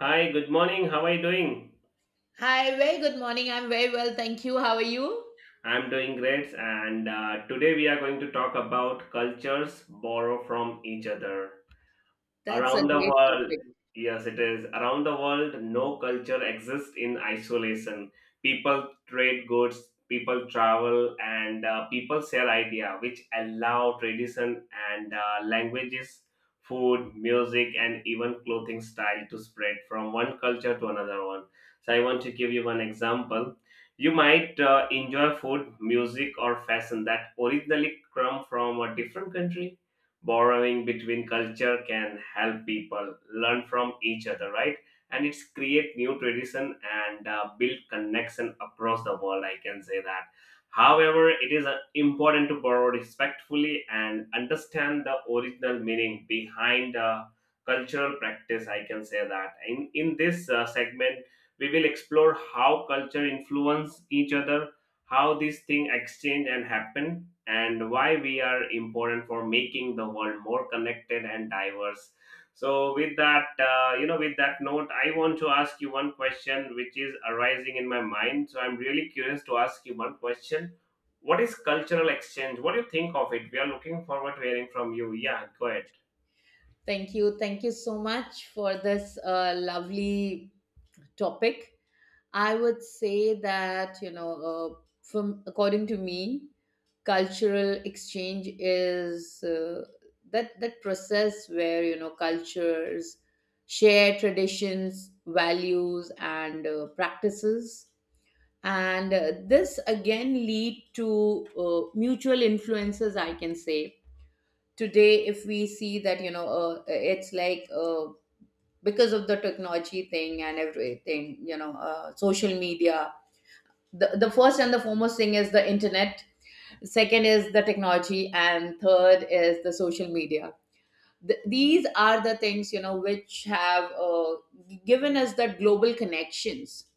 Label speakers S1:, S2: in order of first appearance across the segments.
S1: Hi, good morning. How are you doing?
S2: Hi, very good morning. I'm very well, thank you. How are you?
S1: I'm doing great, and today we are going to talk about cultures borrow from each other.
S2: That's a
S1: Around the
S2: great
S1: world,
S2: topic.
S1: yes, it is. Around the world, no culture exists in isolation. People trade goods, people travel, and people share idea, which allow tradition and languages, food, music, and even clothing style to spread from one culture to another one. So I want to give you one example. You might enjoy food, music, or fashion that originally come from a different country, borrowing between culture can help people learn from each other, right? And it's create new tradition and build connection across the world, I can say that. However, it is important to borrow respectfully and understand the original meaning behind cultural practice. I can say that. In this segment, we will explore how culture influence each other, how these things exchange and happen, and why we are important for making the world more connected and diverse. So with that, with that note, I want to ask you one question which is arising in my mind, so I'm really curious to ask you one question. What is cultural exchange? What do you think of it? We are looking forward to hearing from you. Yeah, go ahead.
S2: Thank you. Thank you so much for this lovely topic. I would say that, you know, from according to me, cultural exchange is that process where, you know, cultures share traditions, values and practices, and this again lead to mutual influences, I can say. Today if we see that, it's like, because of the technology thing and everything, social media, the first and the foremost thing is the internet, second is the technology, and third is the social media. These are the things, you know, which have given us that global connections.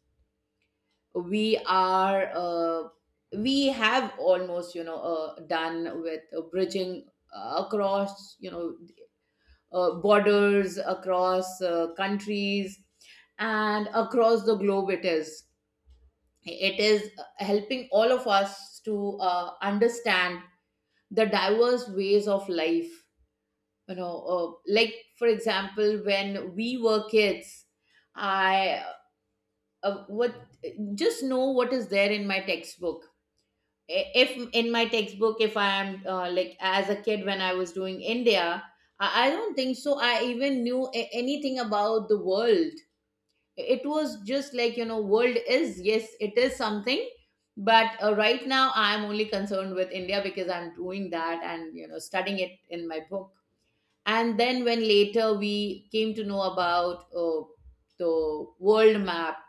S2: We are we have almost, done with bridging across, you know, borders, across countries, and across the globe. It is helping all of us to understand the diverse ways of life. You know, like for example, when we were kids, I what just know what is there in my textbook. If in my textbook, if I am like as a kid when I was doing India, I don't think so I even knew anything about the world. It was just like, you know, world is, yes, it is something, but right now I'm only concerned with India because I'm doing that and, you know, studying it in my book. And then when later we came to know about the world map,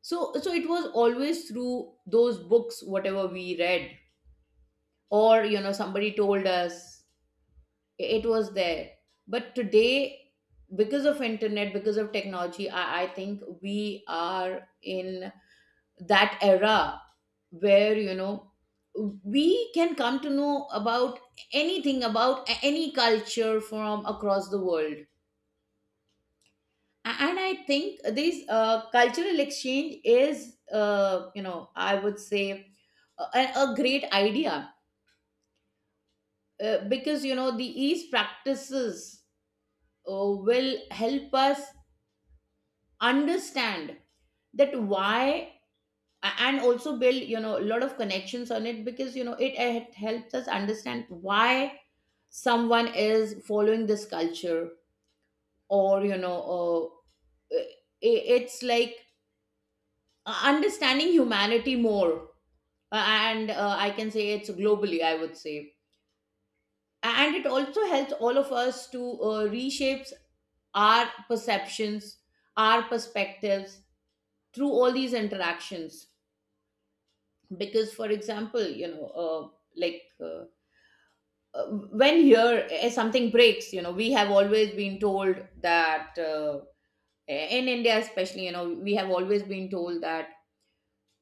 S2: so so it was always through those books, whatever we read, or, you know, somebody told us, it was there. But today, because of internet, because of technology, I think we are in that era where, you know, we can come to know about anything, about any culture from across the world. And I think this cultural exchange is, you know, I would say a great idea, because, you know, the east practices will help us understand that why, and also build, you know, a lot of connections on it, because, you know, it helps us understand why someone is following this culture, or, i- it's like understanding humanity more, and I can say it's globally, I would say. And it also helps all of us to reshapes our perceptions, our perspectives, through all these interactions. Because, for example, like uh, uh, when here something breaks, you know, we have always been told that, in India especially, you know, we have always been told that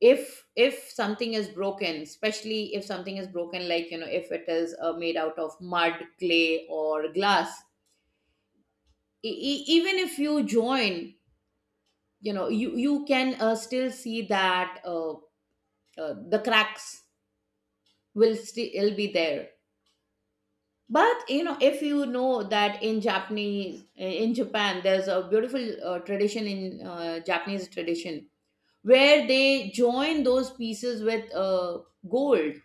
S2: if something is broken, especially if something is broken like, you know, if it is made out of mud, clay or glass, even if you join, you know, you can still see that, the cracks will still be there. But you know, if you know that in Japanese, in Japan, there's a beautiful tradition, in Japanese tradition, where they join those pieces with gold,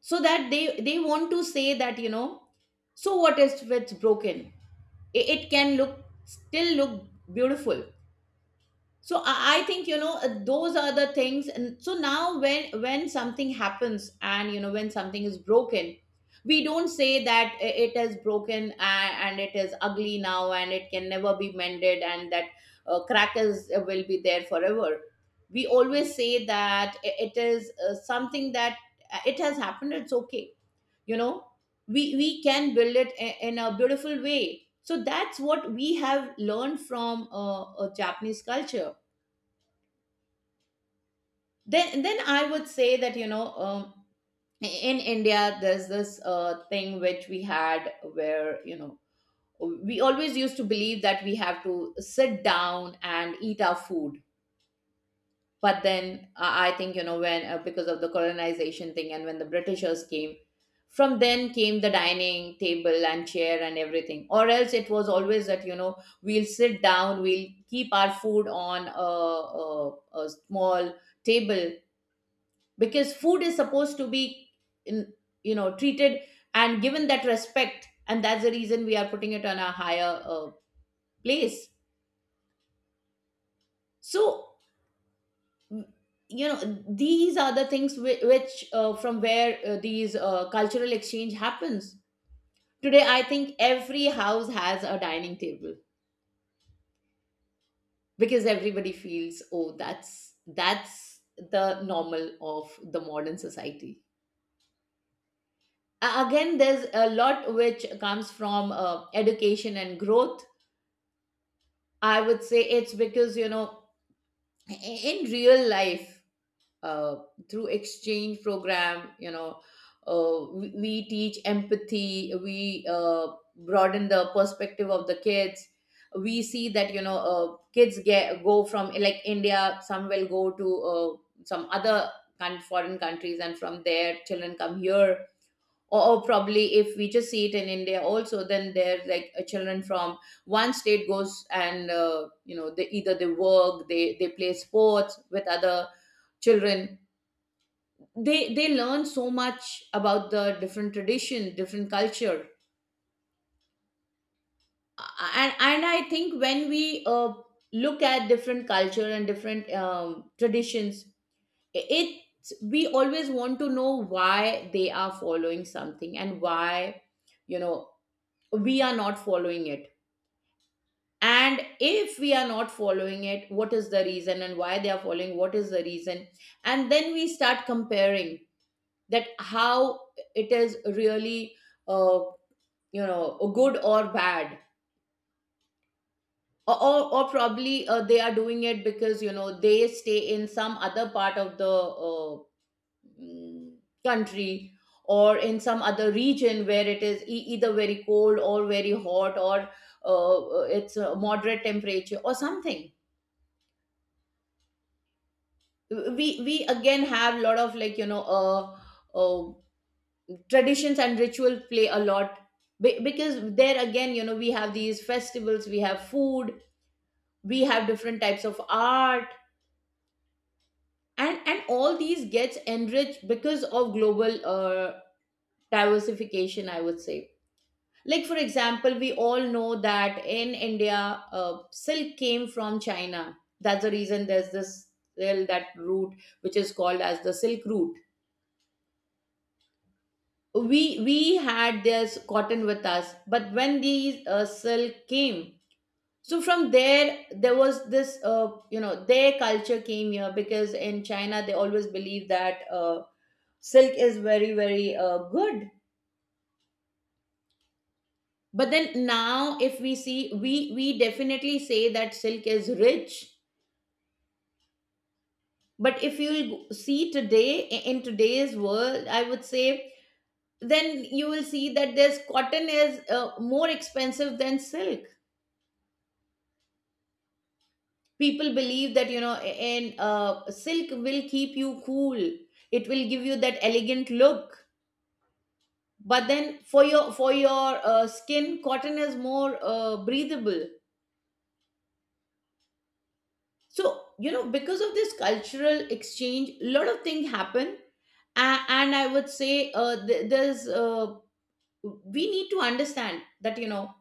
S2: so that they want to say that, you know, so what if it's broken? It can look, still look beautiful. So I think, you know, those are the things. And so now when something happens and, you know, when something is broken, we don't say that it is broken and it is ugly now and it can never be mended and that crack is will be there forever. We always say that it is something that it has happened, it's okay, you know, we can build it in a beautiful way. So that's what we have learned from Japanese culture. Then I would say that, in India there's this thing which we had, where, you know, we always used to believe that we have to sit down and eat our food. But then, I think, you know, when, because of the colonization thing and when the Britishers came, from then came the dining table and chair and everything. Or else it was always that, you know, we'll sit down, we'll keep our food on a small table, because food is supposed to be in, you know, treated and given that respect, and that's the reason we are putting it on a higher place. So, mm, you know, these are the things which, from where these cultural exchange happens. Today I think every house has a dining table, because everybody feels, oh, that's the normal of the modern society. Again there's a lot which comes from education and growth. I would say it's because, you know, in real life, uh, through exchange program, you know, we teach empathy, we broaden the perspective of the kids. We see that, you know, kids get go from like India, some will go to some other foreign countries, and from there, children come here. Or, probably if we just see it in India also, then they're like, children from one state goes and, you know, they either they work, they play sports with other children. They learn so much about the different tradition, different culture. And I think when we look at different culture and different traditions, it, we always want to know why they are following something and why, you know, we are not following it. And if we are not following it, what is the reason, and why they are following, what is the reason. And then we start comparing that how it is really, uh, you know, good or bad. Or, probably they are doing it because, you know, they stay in some other part of the mm, country, or in some other region where it is, either very cold or very hot, or it's a moderate temperature or something. We again have a lot of, like, you know, traditions and ritual play a lot. Because there again, you know, we have these festivals, we have food, we have different types of art. And all these gets enriched because of global diversification, I would say. Like for example, we all know that in India silk came from China. That's the reason there's this, well, that route which is called as the silk route. We had this cotton with us, but when these silk came, so from there there was this, you know, their culture came here, because in China they always believe that silk is very very good. But then now if we see, we definitely say that silk is rich. But if you see today, in today's world, I would say, then you will see that this cotton is more expensive than silk. People believe that, you know, in silk will keep you cool, it will give you that elegant look. But then for your skin, cotton is more breathable. So, you know, because of this cultural exchange, a lot of things happen. And I would say, th- there's we need to understand that, you know,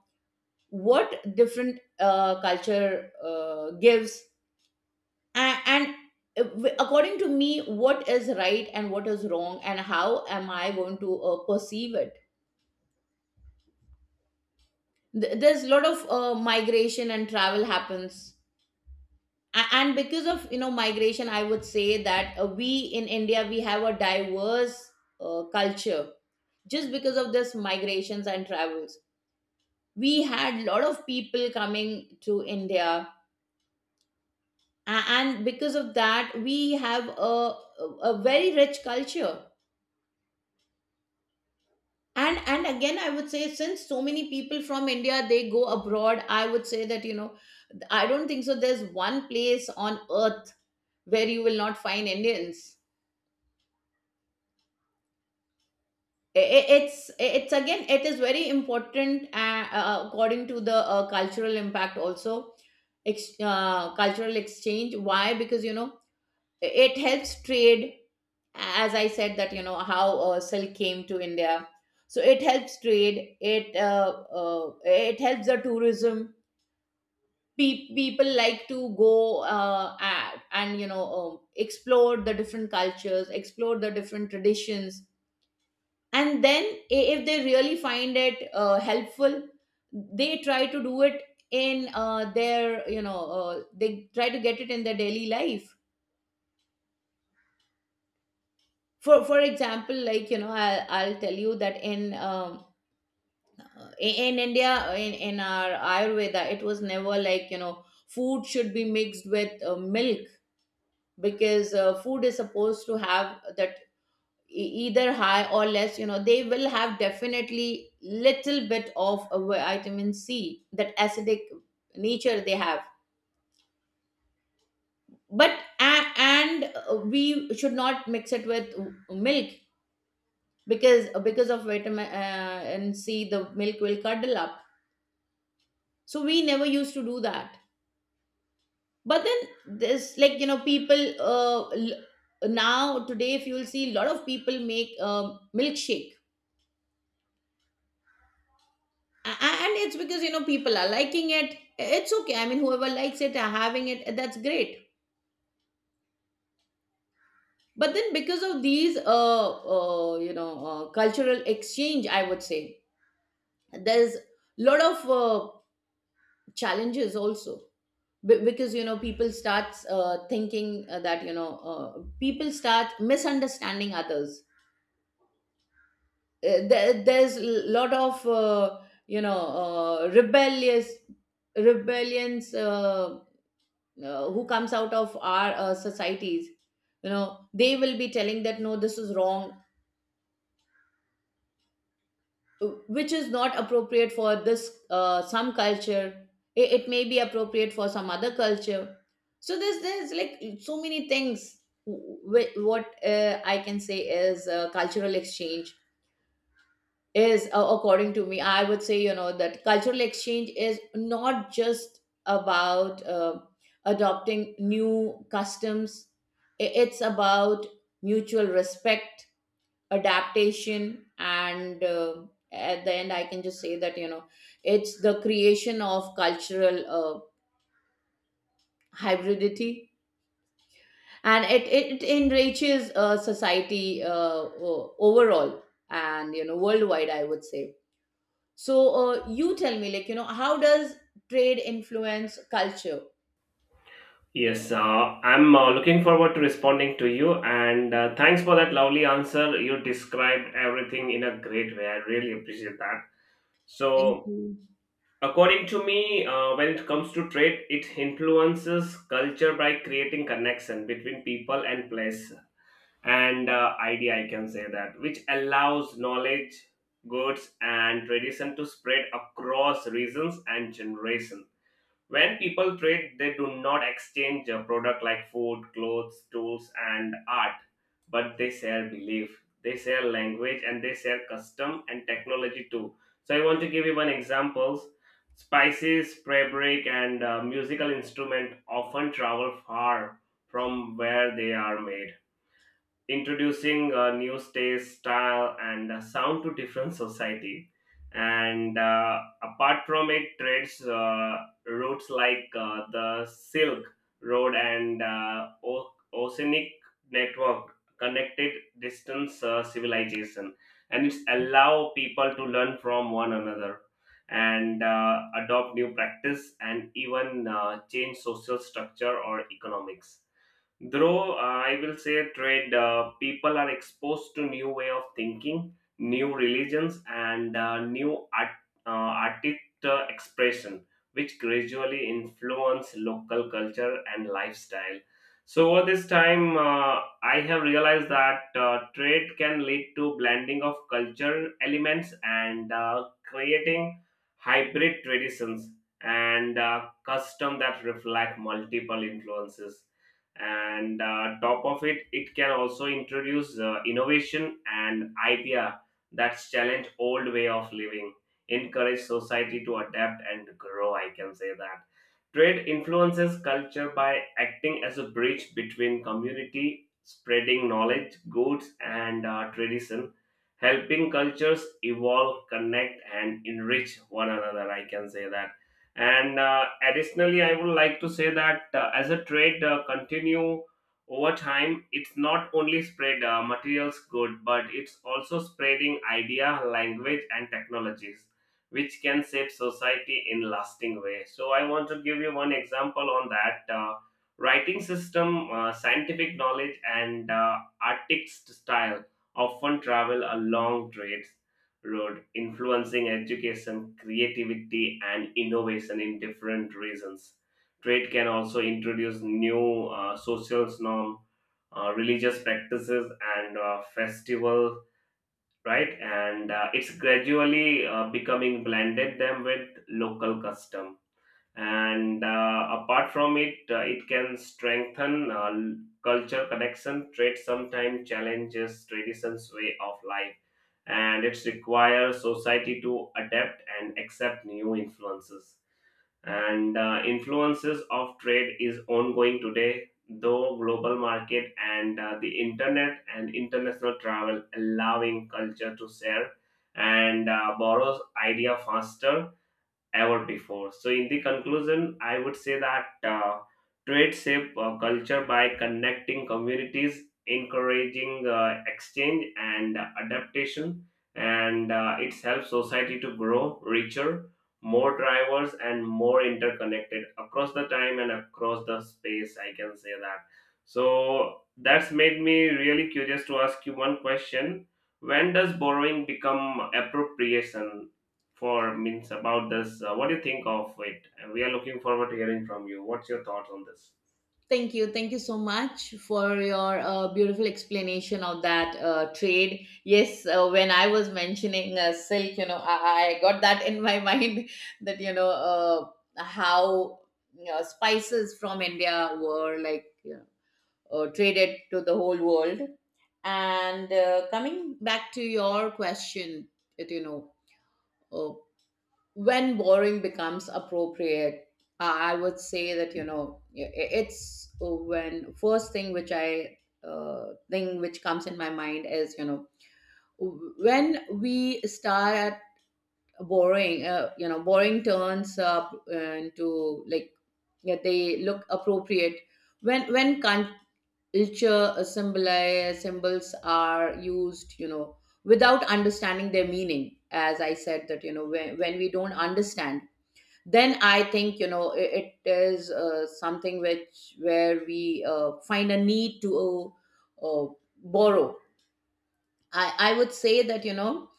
S2: what different culture gives. and, and According to me, what is right and what is wrong, and how am I going to perceive it. There's a lot of migration and travel happens. And because of, you know, migration, I would say that, we in India, we have a diverse culture just because of this migrations and travels. We had a lot of people coming to India. And because of that, we have a a very rich culture. And again I would say, since so many people from India they go abroad, I would say that, you know, I don't think so there's one place on earth where you will not find Indians. It's again, it is very important, according to the cultural impact also, cultural exchange. Why? Because, you know, it helps trade. As I said that, you know, how silk came to India. So it helps trade, it it helps the tourism. People like to go and, you know, explore the different cultures, explore the different traditions. And then if they really find it helpful, they try to do it in their, you know, they try to get it in their daily life. For example, like, you know, I'll tell you that in India, in our ayurveda, it was never like, you know, Food should be mixed with milk, because food is supposed to have that either high or less, you know. They will have definitely little bit of a vitamin C, that acidic nature they have. But a- and we should not mix it with milk, because of vitamin and C the milk will curdle up. So we never used to do that. But then this, like, you know, people, now today, if you will see, a lot of people make milkshake. A- and it's because, you know, people are liking it. It's okay, I mean, whoever likes it are having it, that's great. But then because of these you know, cultural exchange, I would say, there's lot of challenges also. Because, you know, people start thinking that, you know, people start misunderstanding others. There's a lot of you know, rebellious rebellions who comes out of our societies. You know, they will be telling that no, this is wrong, which is not appropriate for this some culture. It may be appropriate for some other culture. So there's like so many things what I can say is cultural exchange is, according to me, I would say, you know, that cultural exchange is not just about adopting new customs. It's about mutual respect, adaptation, and at the end, I can just say that, you know, it's the creation of cultural hybridity, and it enriches society overall and, you know, worldwide, I would say. So you tell me, like, you know, how does trade influence culture?
S1: Yes, I'm looking forward to responding to you, and thanks for that lovely answer. You described everything in a great way. I really appreciate that.
S2: Thank
S1: So,
S2: you.
S1: according to me, when it comes to trade, it influences culture by creating connection between people and place and idea. I can say that, which allows knowledge, goods, and tradition to spread across regions and generations. When people trade, they do not exchange a product like food, clothes, tools, and art, but they sell belief, they sell language, and they sell custom and technology too. So I want to give you one examples. Spices, fabric, and musical instrument often travel far from where they are made, introducing new taste, style, and sound to different society. And apart from it, trades routes like the Silk Road and Oceanic Network connected distance civilization, and it's allow people to learn from one another and adopt new practice and even change social structure or economics. Though I will say trade, people are exposed to new way of thinking, new religions, and new art, uh, artist expression, which gradually influence local culture and lifestyle. So over this time, I have realized that trade can lead to blending of culture elements and creating hybrid traditions and custom that reflect multiple influences, and top of it, it can also introduce innovation and idea that challenge old way of living, encourage society to adapt and grow, I can say that. Trade influences culture by acting as a bridge between community, spreading knowledge, goods, and tradition, helping cultures evolve, connect, and enrich one another, I can say that. And additionally, I would like to say that as a trade continue over time, it's not only spread materials good, but it's also spreading idea, language, and technologies, which can save society in lasting way. So I want to give you one example on that. Writing system, scientific knowledge, and artist style often travel along trades road, influencing education, creativity, and innovation in different regions. Trade can also introduce new social norms, religious practices, and festival, right? And it's gradually becoming blended them with local custom. And apart from it, it can strengthen culture connection. Trade sometimes challenges traditions way of life, and it requires society to adapt and accept new influences. And influences of trade is ongoing today, though global market and the internet and international travel allowing culture to share and borrows idea faster ever before. So, in the conclusion, I would say that trade shape culture by connecting communities, encouraging exchange and adaptation, and it helps society to grow richer, more diverse, and more interconnected across the time and across the space. I can say that. So that's made me really curious to ask you one question. When does borrowing become appropriation? For means about this. What do you think of it? And we are looking forward to hearing from you. What's your thoughts on this?
S2: Thank you. Thank you so much for your beautiful explanation of that trade. Yes, when I was mentioning silk, you know, I got that in my mind that, you know, how, you know, spices from India were, like, you know, traded to the whole world. And coming back to your question, that, you know, uh, when borrowing becomes appropriate, I would say that, you know, i- it's when first thing which I uh, thing which comes in my mind is, you know, when we start at borrowing, you know, borrowing turns up into, like, yeah, they look appropriate when culture symbolize symbols are used, you know, without understanding their meaning. As I said that, you know, when we don't understand, then I think, you know, it is something which, where we find a need to uh, uh, borrow. I would say that, you know,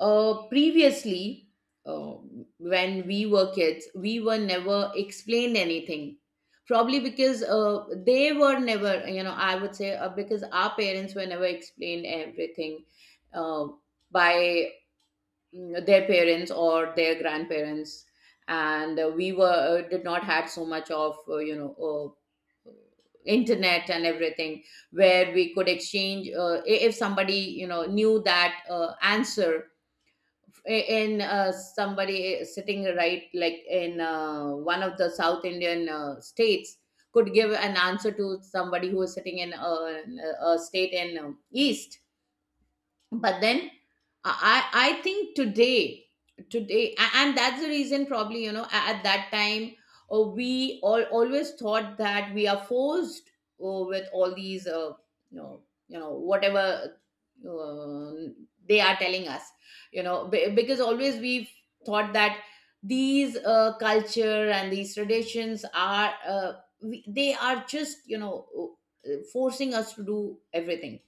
S2: previously, uh, when we were kids, we were never explained anything, probably because they were never, you know, I would say, because our parents were never explained everything uh, by their parents or their grandparents, and we were did not had so much of you know, uh, internet and everything, where we could exchange. If somebody, you know, knew that answer, I- in somebody sitting right, like in one of the south Indian states could give an answer to somebody who is sitting in a state in east. But then I think today, and that's the reason, probably, you know, at that time we all always thought that we are forced with all these you know, you know, whatever uh, they are telling us, you know, because always we have thought that these culture and these traditions are, they are just, you know, forcing us to do everything.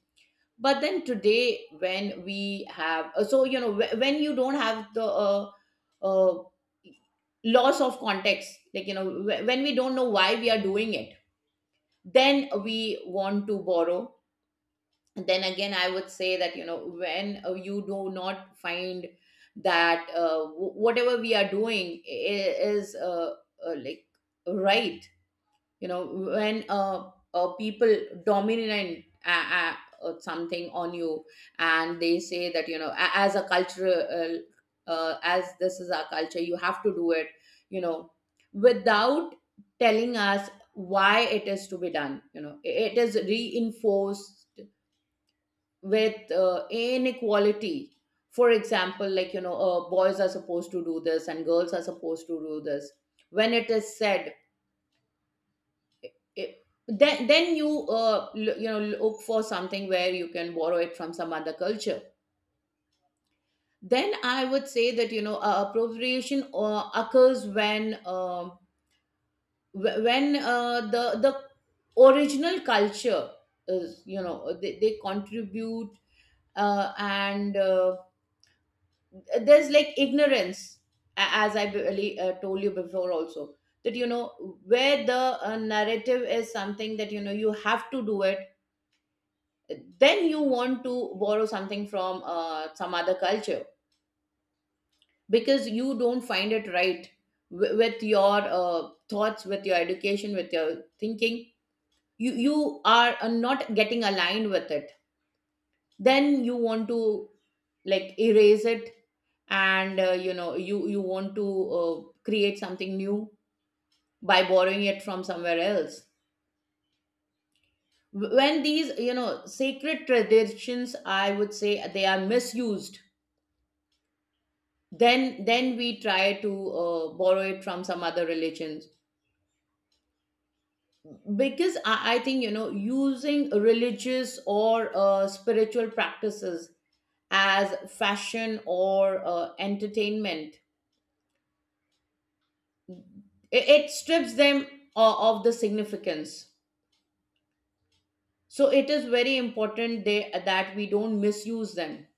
S2: But then today, when we have so, you know, when you don't have the uh, loss of context, like, you know, when we don't know why we are doing it, then we want to borrow. And then again, I would say that, you know, when you do not find that whatever we are doing is like right, you know, when people dominant something on you, and they say that, you know, as a cultural as this is our culture, you have to do it, you know, without telling us why it is to be done. You know, it is reinforced with inequality, for example, like, you know, boys are supposed to do this and girls are supposed to do this. When it is said, then you you know, look for something where you can borrow it from some other culture. Then I would say that, you know, appropriation occurs when when the original culture is, you know, they contribute, and there's like ignorance, as I really told you before also, that, you know, where the narrative is something that, you know, you have to do it. Then you want to borrow something from some other culture, because you don't find it right with your thoughts, with your education, with your thinking. You are not getting aligned with it, then you want to like erase it. And you know, you want to create something new by borrowing it from somewhere else. When these, you know, sacred traditions, I would say, they are misused, then we try to borrow it from some other religions. Because I think, you know, using religious or spiritual practices as fashion or entertainment, it strips them of the significance. So it is very important that we don't misuse them.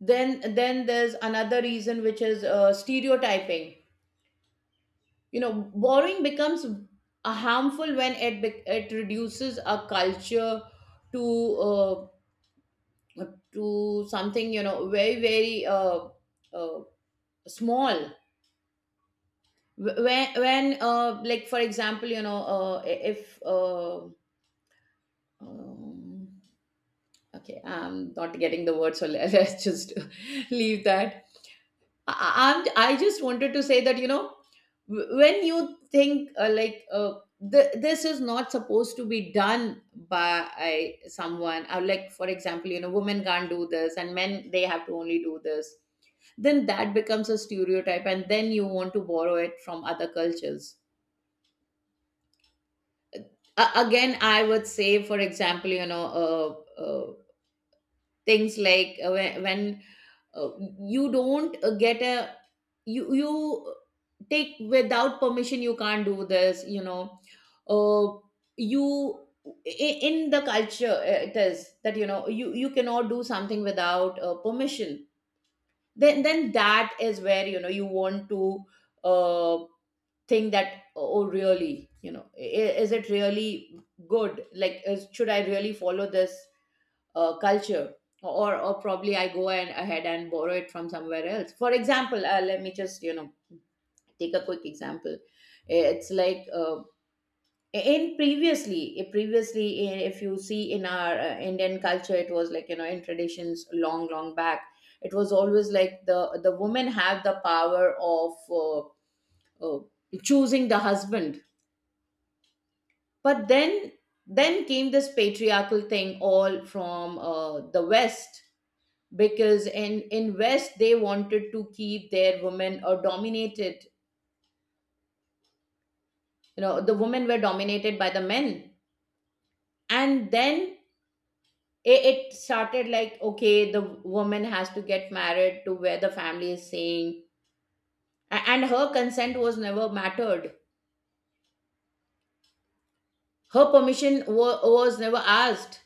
S2: Then there's another reason, which is stereotyping. You know, borrowing becomes a harmful when it it reduces a culture to uh, to something, you know, very very uh, small. When like for example, you know, if um, okay, I'm not getting the word, so let's just leave that. I just wanted to say that, you know, when you think this is not supposed to be done by someone, or, like, for example, you know, women can't do this, and men, they have to only do this, then that becomes a stereotype, and then you want to borrow it from other cultures. Again, I would say, for example, you know, things like when uh, you don't get a, you take without permission, you can't do this, you know. uh, you in the culture, it is that, you know, you cannot do something without permission. Then that is where, you know, you want to uh, think that, oh really, you know, is it really good? Like, should I really follow this culture, or probably I go and ahead and borrow it from somewhere else. For example, let me just, you know, take a quick example. It's like in previously, if you see, in our Indian culture, it was like, you know, in traditions long long back, it was always like the women have the power of uh, uh, choosing the husband. But then came this patriarchal thing all from the west. Because in west, they wanted to keep their women or dominated, you know. The women were dominated by the men, and then it started like, okay, the woman has to get married to where the family is saying. And her consent was never mattered, her permission was never asked.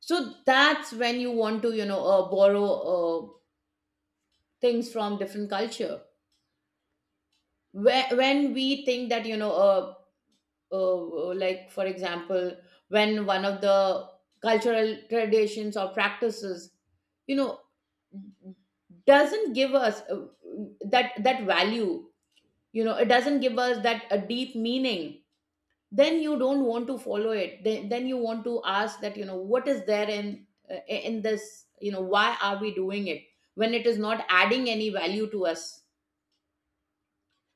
S2: So that's when you want to, you know, borrow things from different culture, when we think that, you know, like for example, when one of the cultural traditions or practices, you know, doesn't give us that value, you know, it doesn't give us that a deep meaning, then you don't want to follow it. Then you want to ask that, you know, what is there in this? You know, why are we doing it when it is not adding any value to us?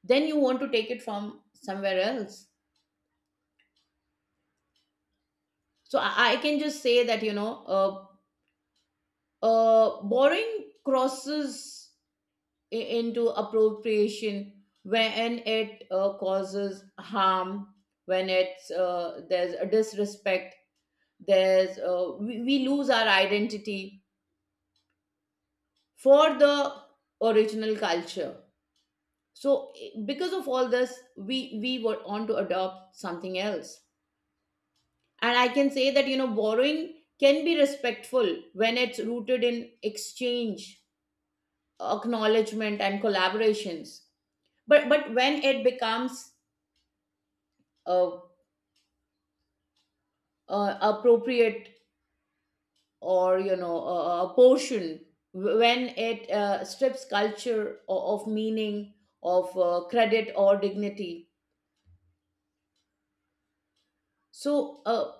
S2: Then you want to take it from somewhere else. So I can just say that, you know, borrowing crosses into appropriation when it causes harm, when it's there's a disrespect, there's we lose our identity for the original culture. So because of all this, we were on to adopt something else. And I can say that, you know, borrowing can be respectful when it's rooted in exchange, acknowledgement, and collaborations. But when it becomes uh, appropriate, or, you know, a portion, when it strips culture of meaning, of credit or dignity. So uh,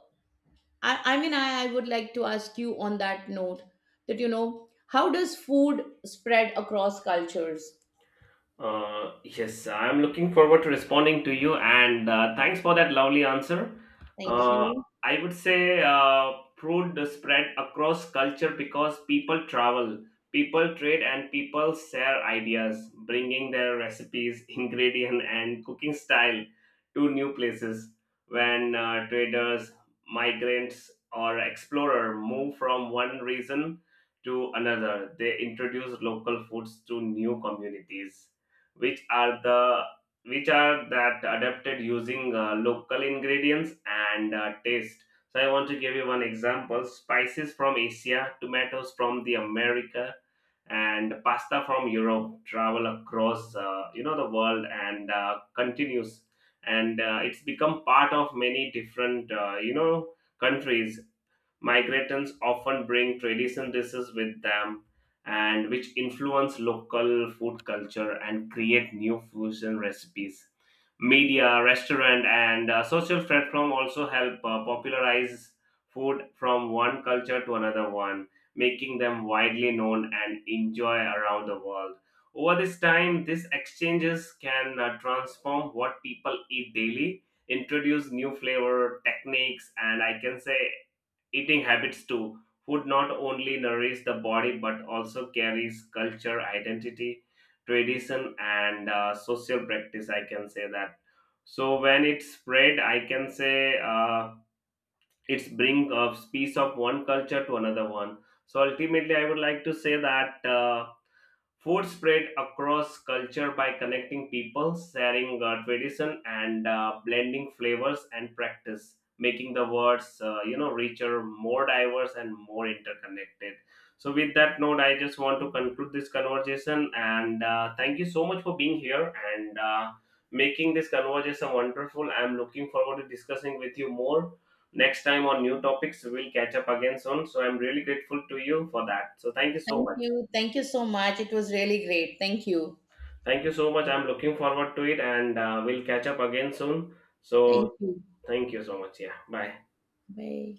S2: I, I mean, I would like to ask you on that note that, you know, how does food spread across cultures?
S1: Yes, I'm looking forward to responding to you, and thanks for that lovely answer.
S2: Thank
S1: Uh,
S2: you.
S1: I would say food spread across culture because people travel, people trade, and people share ideas, bringing their recipes, ingredient, and cooking style to new places. When traders, migrants, or explorer move from one region to another, they introduce local foods to new communities, which are the which are that adapted using local ingredients and taste. So I want to give you one example. Spices from Asia, tomatoes from the America, and pasta from Europe travel across, the world and continues, and it's become part of many different, countries. Migrants often bring traditional dishes with them and which influence local food culture and create new fusion recipes. Media, restaurant, and social platform also help popularize food from one culture to another one, making them widely known and enjoyed around the world. Over this time, these exchanges can transform what people eat daily, introduce new flavor techniques, and I can say eating habits too. Food not only nourishes the body but also carries culture, identity, tradition, and social practice. I can say that. So when it's spread, I can say, it's bring a piece of one culture to another one. So ultimately, I would like to say that. Food spread across culture by connecting people, sharing tradition, and blending flavors and practice, making the words, richer, more diverse, and more interconnected. So, with that note, I just want to conclude this conversation, and thank you so much for being here and making this conversation wonderful. I'm looking forward to discussing with you more next time on new topics. We'll catch up again soon. So, I'm really grateful to you for that. So, thank you so
S2: Thank
S1: much.
S2: you. Thank you so much, it was really great. Thank you.
S1: Thank you so much. I'm looking forward to it and we'll catch up again soon.
S2: Thank
S1: So,
S2: you.
S1: thank you so much. Yeah, bye.
S2: Bye.